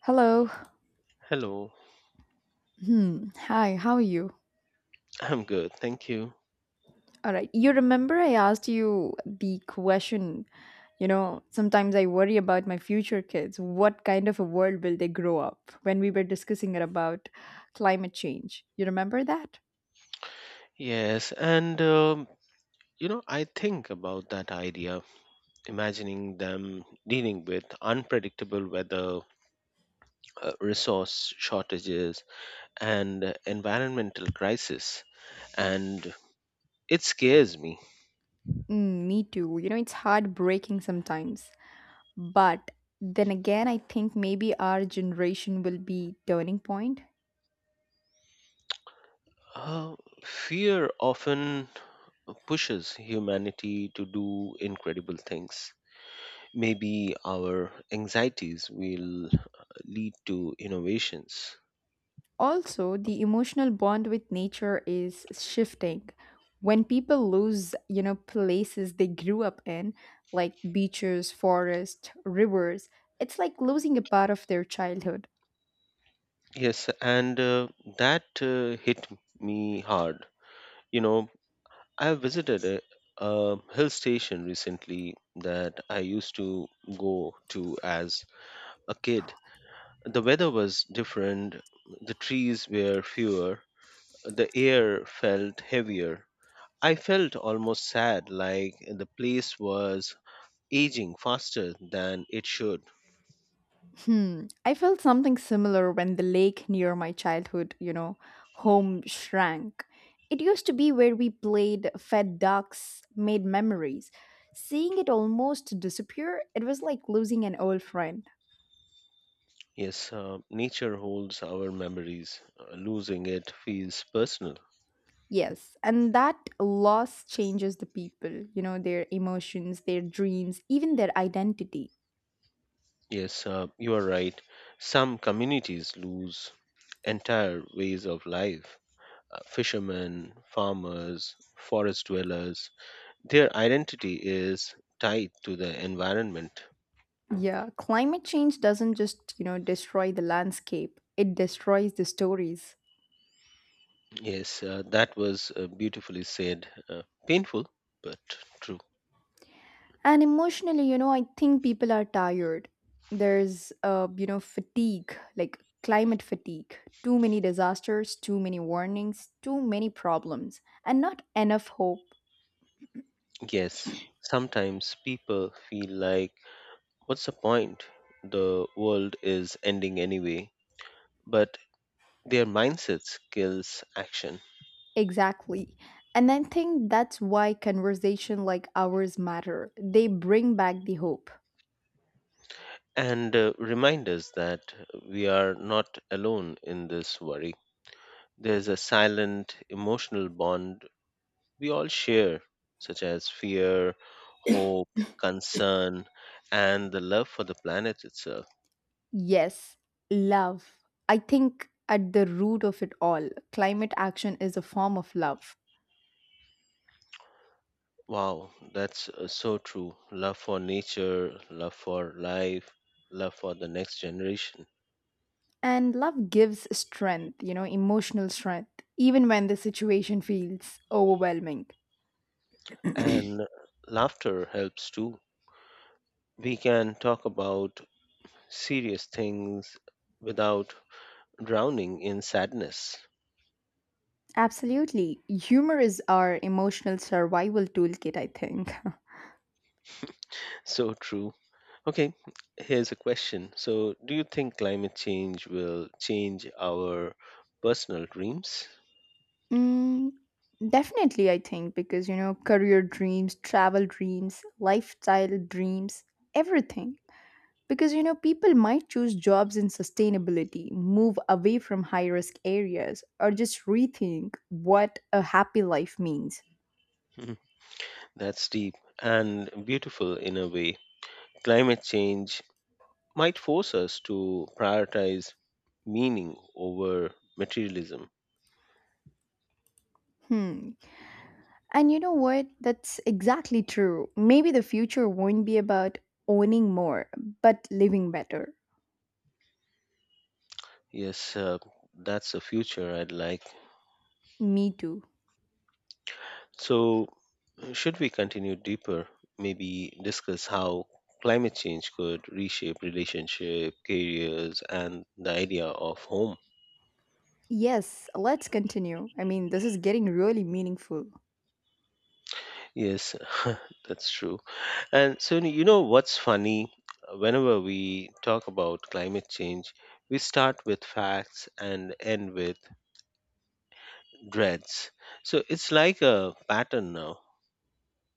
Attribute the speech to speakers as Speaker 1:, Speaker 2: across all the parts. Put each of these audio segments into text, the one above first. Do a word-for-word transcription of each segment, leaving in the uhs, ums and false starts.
Speaker 1: Hello.
Speaker 2: Hello,
Speaker 1: Hmm. Hi, how are you?
Speaker 2: I'm good, thank you.
Speaker 1: All right. You remember I asked you the question, you know, sometimes I worry about my future kids. What kind of a world will they grow up when we were discussing it about climate change? You remember that?
Speaker 2: Yes, and um, you know, I think about that idea, imagining them dealing with unpredictable weather, uh, resource shortages, and environmental crisis, and it scares me.
Speaker 1: Mm, me too. You know, it's heartbreaking sometimes. But then again, I think maybe our generation will be turning point.
Speaker 2: Uh, Fear often pushes humanity to do incredible things. Maybe our anxieties will uh, lead to innovations.
Speaker 1: Also the emotional bond with nature is shifting when people lose, you know, places they grew up in, like beaches, forests, rivers. It's like losing a part of their childhood.
Speaker 2: Yes, and uh, that uh, hit me hard. You know, I visited a, a hill station recently that I used to go to as a kid. The weather was different, the trees were fewer, the air felt heavier. I felt almost sad, like the place was aging faster than it should.
Speaker 1: hmm I felt something similar when the lake near my childhood, you know, home shrank. It used to be where we played, fed ducks, made memories. Seeing it almost disappear, it was like losing an old friend.
Speaker 2: Yes, uh, nature holds our memories. Uh, losing it feels personal.
Speaker 1: Yes, and that loss changes the people, you know, their emotions, their dreams, even their identity.
Speaker 2: Yes, uh, you are right. Some communities lose entire ways of life. Uh, fishermen, farmers, forest dwellers, their identity is tied to the environment.
Speaker 1: Yeah, climate change doesn't just, you know, destroy the landscape, it destroys the stories.
Speaker 2: Yes, uh, that was uh, beautifully said. Uh, painful, but true.
Speaker 1: And emotionally, you know, I think people are tired. There's, uh, you know, fatigue, like climate fatigue. Too many disasters, too many warnings, too many problems, and not enough hope.
Speaker 2: Yes, sometimes people feel like, what's the point? The world is ending anyway. But their mindsets kills action.
Speaker 1: Exactly. And I think that's why conversation like ours matter. They bring back the hope.
Speaker 2: and uh, remind us that we are not alone in this worry. There's a silent emotional bond we all share, such as fear, hope, concern, and the love for the planet itself.
Speaker 1: Yes, love. I think at the root of it all, climate action is a form of love.
Speaker 2: Wow, that's uh, so true. Love for nature, love for life, love for the next generation.
Speaker 1: And love gives strength, you know, emotional strength, even when the situation feels overwhelming.
Speaker 2: And laughter helps too. We can talk about serious things without drowning in sadness.
Speaker 1: Absolutely. Humor is our emotional survival toolkit, I think.
Speaker 2: So true. Okay, here's a question. So, do you think climate change will change our personal dreams?
Speaker 1: Mm, definitely, I think, because you know, career dreams, travel dreams, lifestyle dreams, everything. Because you know, people might choose jobs in sustainability, move away from high risk areas, or just rethink what a happy life means.
Speaker 2: Hmm, that's deep and beautiful in a way. Climate change might force us to prioritize meaning over materialism.
Speaker 1: Hmm. And you know what? That's exactly true. Maybe the future won't be about owning more, but living better.
Speaker 2: Yes, uh, that's the future I'd like.
Speaker 1: Me too.
Speaker 2: So, should we continue deeper, maybe discuss how climate change could reshape relationship, careers, and the idea of home?
Speaker 1: Yes, let's continue. I mean, this is getting really meaningful.
Speaker 2: Yes, that's true. And so you know what's funny? Whenever we talk about climate change, we start with facts and end with dreads. So it's like a pattern now.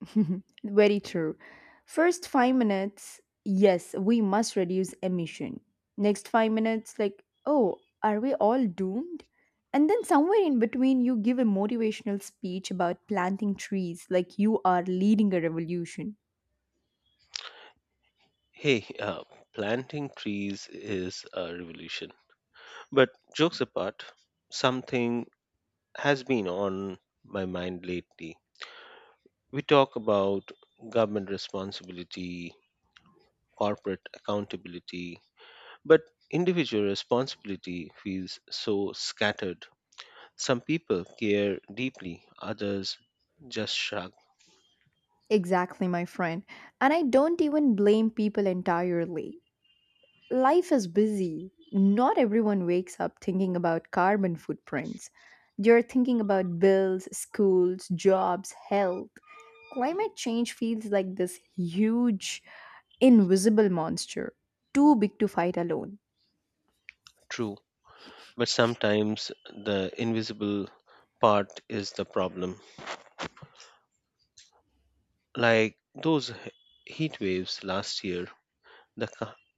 Speaker 1: Very true. First five minutes, yes, we must reduce emission. Next five minutes, like, oh, are we all doomed? And then somewhere in between, you give a motivational speech about planting trees, like you are leading a revolution.
Speaker 2: Hey, uh, planting trees is a revolution. But jokes apart, something has been on my mind lately. We talk about government responsibility, corporate accountability, but individual responsibility feels so scattered. Some people care deeply, others just shrug.
Speaker 1: Exactly, my friend. And I don't even blame people entirely. Life is busy. Not everyone wakes up thinking about carbon footprints. You're thinking about bills, schools, jobs, health. Climate change feels like this huge, invisible monster, too big to fight alone.
Speaker 2: True, but sometimes the invisible part is the problem. Like those he- heat waves last year, the, ki-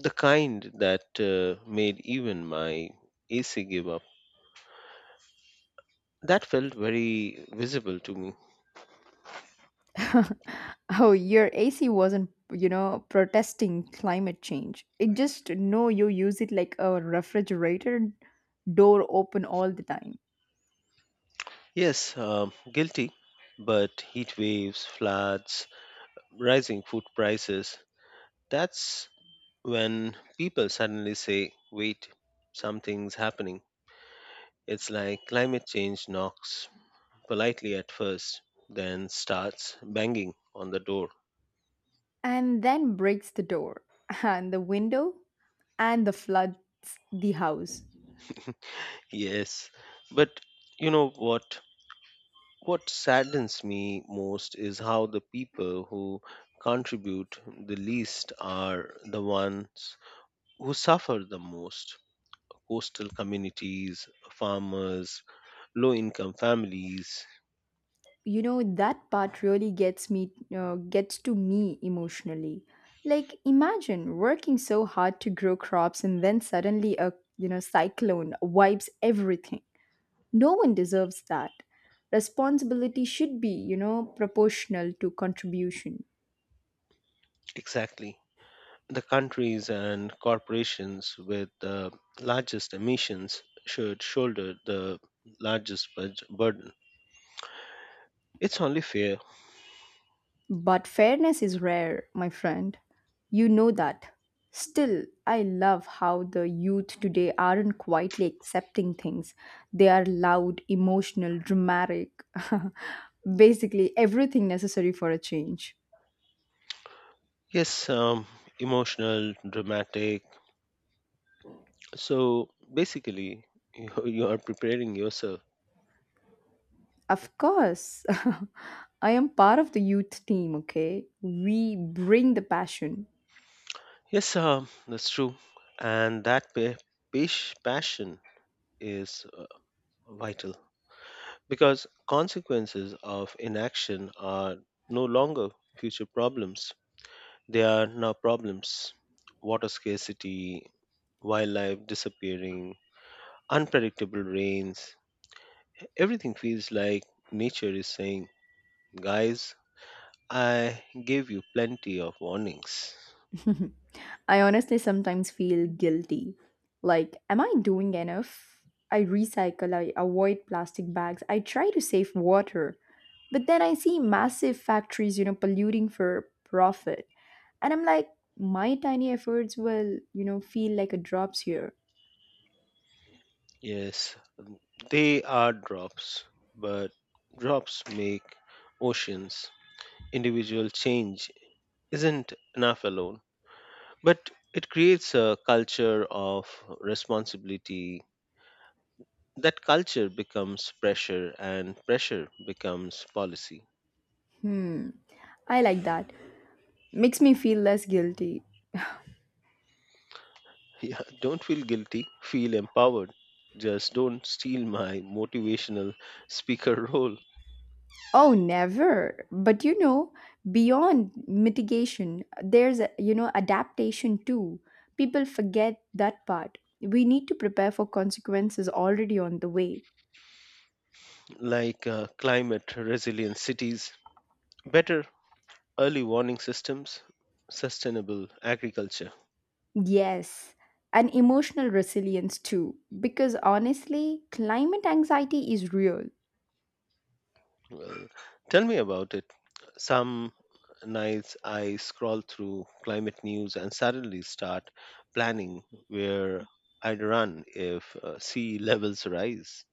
Speaker 2: the kind that uh, made even my A C give up. That felt very visible to me.
Speaker 1: Oh, your A C wasn't, you know, protesting climate change. It just know you use it like a refrigerator, door open all the time.
Speaker 2: Yes, um, guilty, but heat waves, floods, rising food prices. That's when people suddenly say, wait, something's happening. It's like climate change knocks politely at first, then starts banging on the door.
Speaker 1: And then breaks the door and the window and the floods the house.
Speaker 2: Yes, but you know what? What saddens me most is how the people who contribute the least are the ones who suffer the most. Coastal communities, farmers, low income families.
Speaker 1: You know that part really gets me, uh, gets to me emotionally. Like imagine working so hard to grow crops and then suddenly a, you know, cyclone wipes everything. No one deserves that. Responsibility should be, you know, proportional to contribution.
Speaker 2: Exactly. The countries and corporations with the largest emissions should shoulder the largest bud- burden. It's only fair.
Speaker 1: But fairness is rare, my friend. You know that. Still, I love how the youth today aren't quietly accepting things. They are loud, emotional, dramatic, basically everything necessary for a change.
Speaker 2: Yes, um, emotional, dramatic, so basically, you, you are preparing yourself.
Speaker 1: Of course, I am part of the youth team, okay? We bring the passion.
Speaker 2: Yes, um, that's true. And that pa- pas- passion is uh, vital, because consequences of inaction are no longer future problems. They are now problems. Water scarcity, wildlife disappearing, unpredictable rains. Everything feels like nature is saying, guys, I gave you plenty of warnings.
Speaker 1: I honestly sometimes feel guilty. Like, am I doing enough? I recycle, I avoid plastic bags, I try to save water. But then I see massive factories, you know, polluting for profit. And I'm like, my tiny efforts will, you know, feel like a drops here.
Speaker 2: Yes, they are drops, but drops make oceans. Individual change isn't enough alone, but it creates a culture of responsibility. That culture becomes pressure, and pressure becomes policy.
Speaker 1: Hmm. I like that. Makes me feel less guilty.
Speaker 2: Yeah, don't feel guilty, feel empowered. Just don't steal my motivational speaker role.
Speaker 1: Oh, never. But you know, beyond mitigation, there's a, you know, adaptation too. People forget that part. We need to prepare for consequences already on the way.
Speaker 2: Like uh, climate resilient cities. Better early warning systems, sustainable agriculture.
Speaker 1: Yes, and emotional resilience too. Because honestly, climate anxiety is real.
Speaker 2: Well, tell me about it. Some nights I scroll through climate news and suddenly start planning where I'd run if uh, sea levels rise.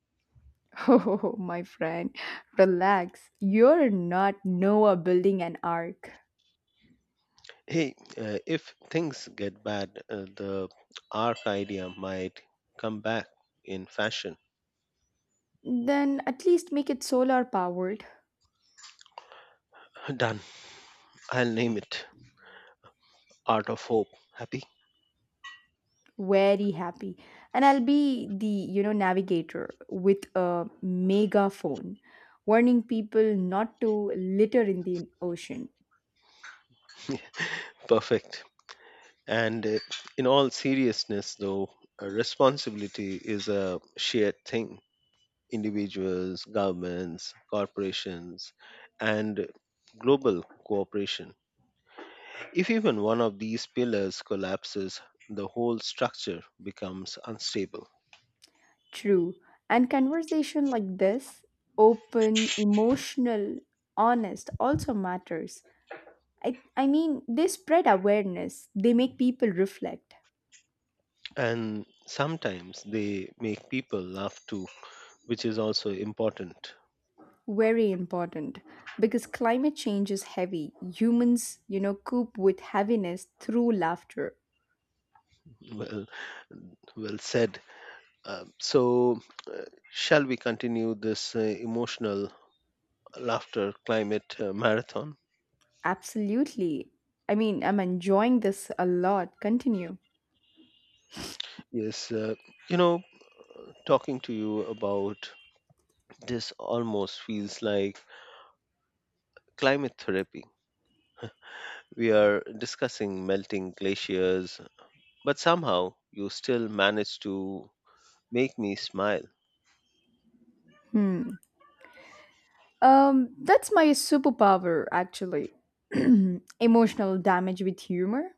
Speaker 1: Oh, my friend, relax. You're not Noah building an ark.
Speaker 2: Hey, uh, if things get bad, uh, the arc idea might come back in fashion.
Speaker 1: Then at least make it solar powered.
Speaker 2: Done. I'll name it Art of Hope. Happy?
Speaker 1: Very happy, and I'll be the, you know, navigator with a megaphone warning people not to litter in the ocean.
Speaker 2: Perfect. And uh, in all seriousness, though, uh, responsibility is a shared thing. Individuals, governments, corporations, and global cooperation. If even one of these pillars collapses, the whole structure becomes unstable.
Speaker 1: True, and conversation like this, open, emotional, honest, also matters. I, I mean, they spread awareness, they make people reflect.
Speaker 2: And sometimes they make people laugh too, which is also important.
Speaker 1: Very important because climate change is heavy. Humans, you know, cope with heaviness through laughter.
Speaker 2: Well, well said. Uh, so, uh, Shall we continue this uh, emotional laughter climate uh, marathon?
Speaker 1: Absolutely. I mean, I'm enjoying this a lot. Continue.
Speaker 2: Yes, uh, you know, talking to you about this almost feels like climate therapy. We are discussing melting glaciers, but somehow you still manage to make me smile.
Speaker 1: Hmm. Um, that's my superpower, actually. Emotional damage with humor.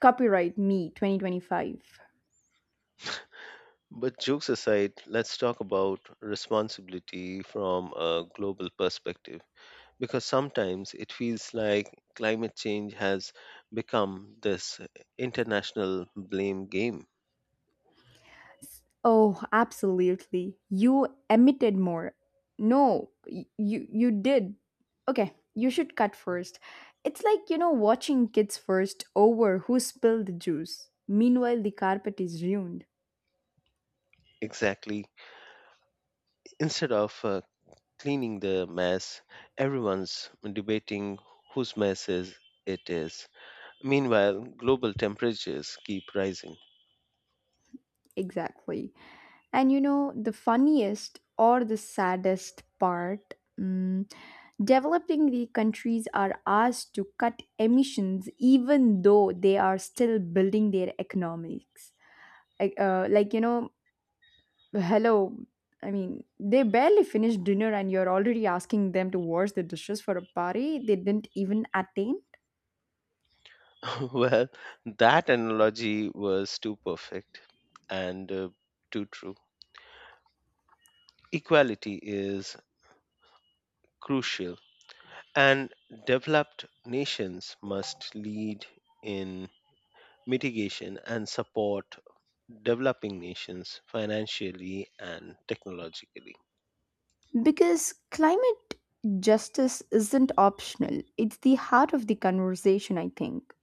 Speaker 1: Copyright me twenty twenty-five.
Speaker 2: But jokes aside, let's talk about responsibility from a global perspective, because sometimes it feels like climate change has become this international blame game.
Speaker 1: Oh, absolutely. You emitted more. No, y- you you did. Okay, you should cut first. It's like, you know, watching kids first over who spilled the juice. Meanwhile, the carpet is ruined.
Speaker 2: Exactly. Instead of uh, cleaning the mess, everyone's debating whose mess is, it is. Meanwhile, global temperatures keep rising.
Speaker 1: Exactly. And you know, the funniest or the saddest part, mm, developing the countries are asked to cut emissions even though they are still building their economics, like, uh, like, you know. Hello. I mean, they barely finished dinner and you're already asking them to wash the dishes for a party they didn't even attend?
Speaker 2: Well, that analogy was too perfect and uh, too true. Equality is crucial, and developed nations must lead in mitigation and support developing nations financially and technologically.
Speaker 1: Because climate justice isn't optional, it's the heart of the conversation, I think.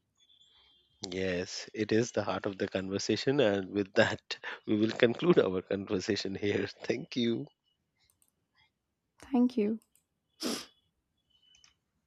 Speaker 2: Yes, it is the heart of the conversation. And with that, we will conclude our conversation here. Thank you.
Speaker 1: Thank you.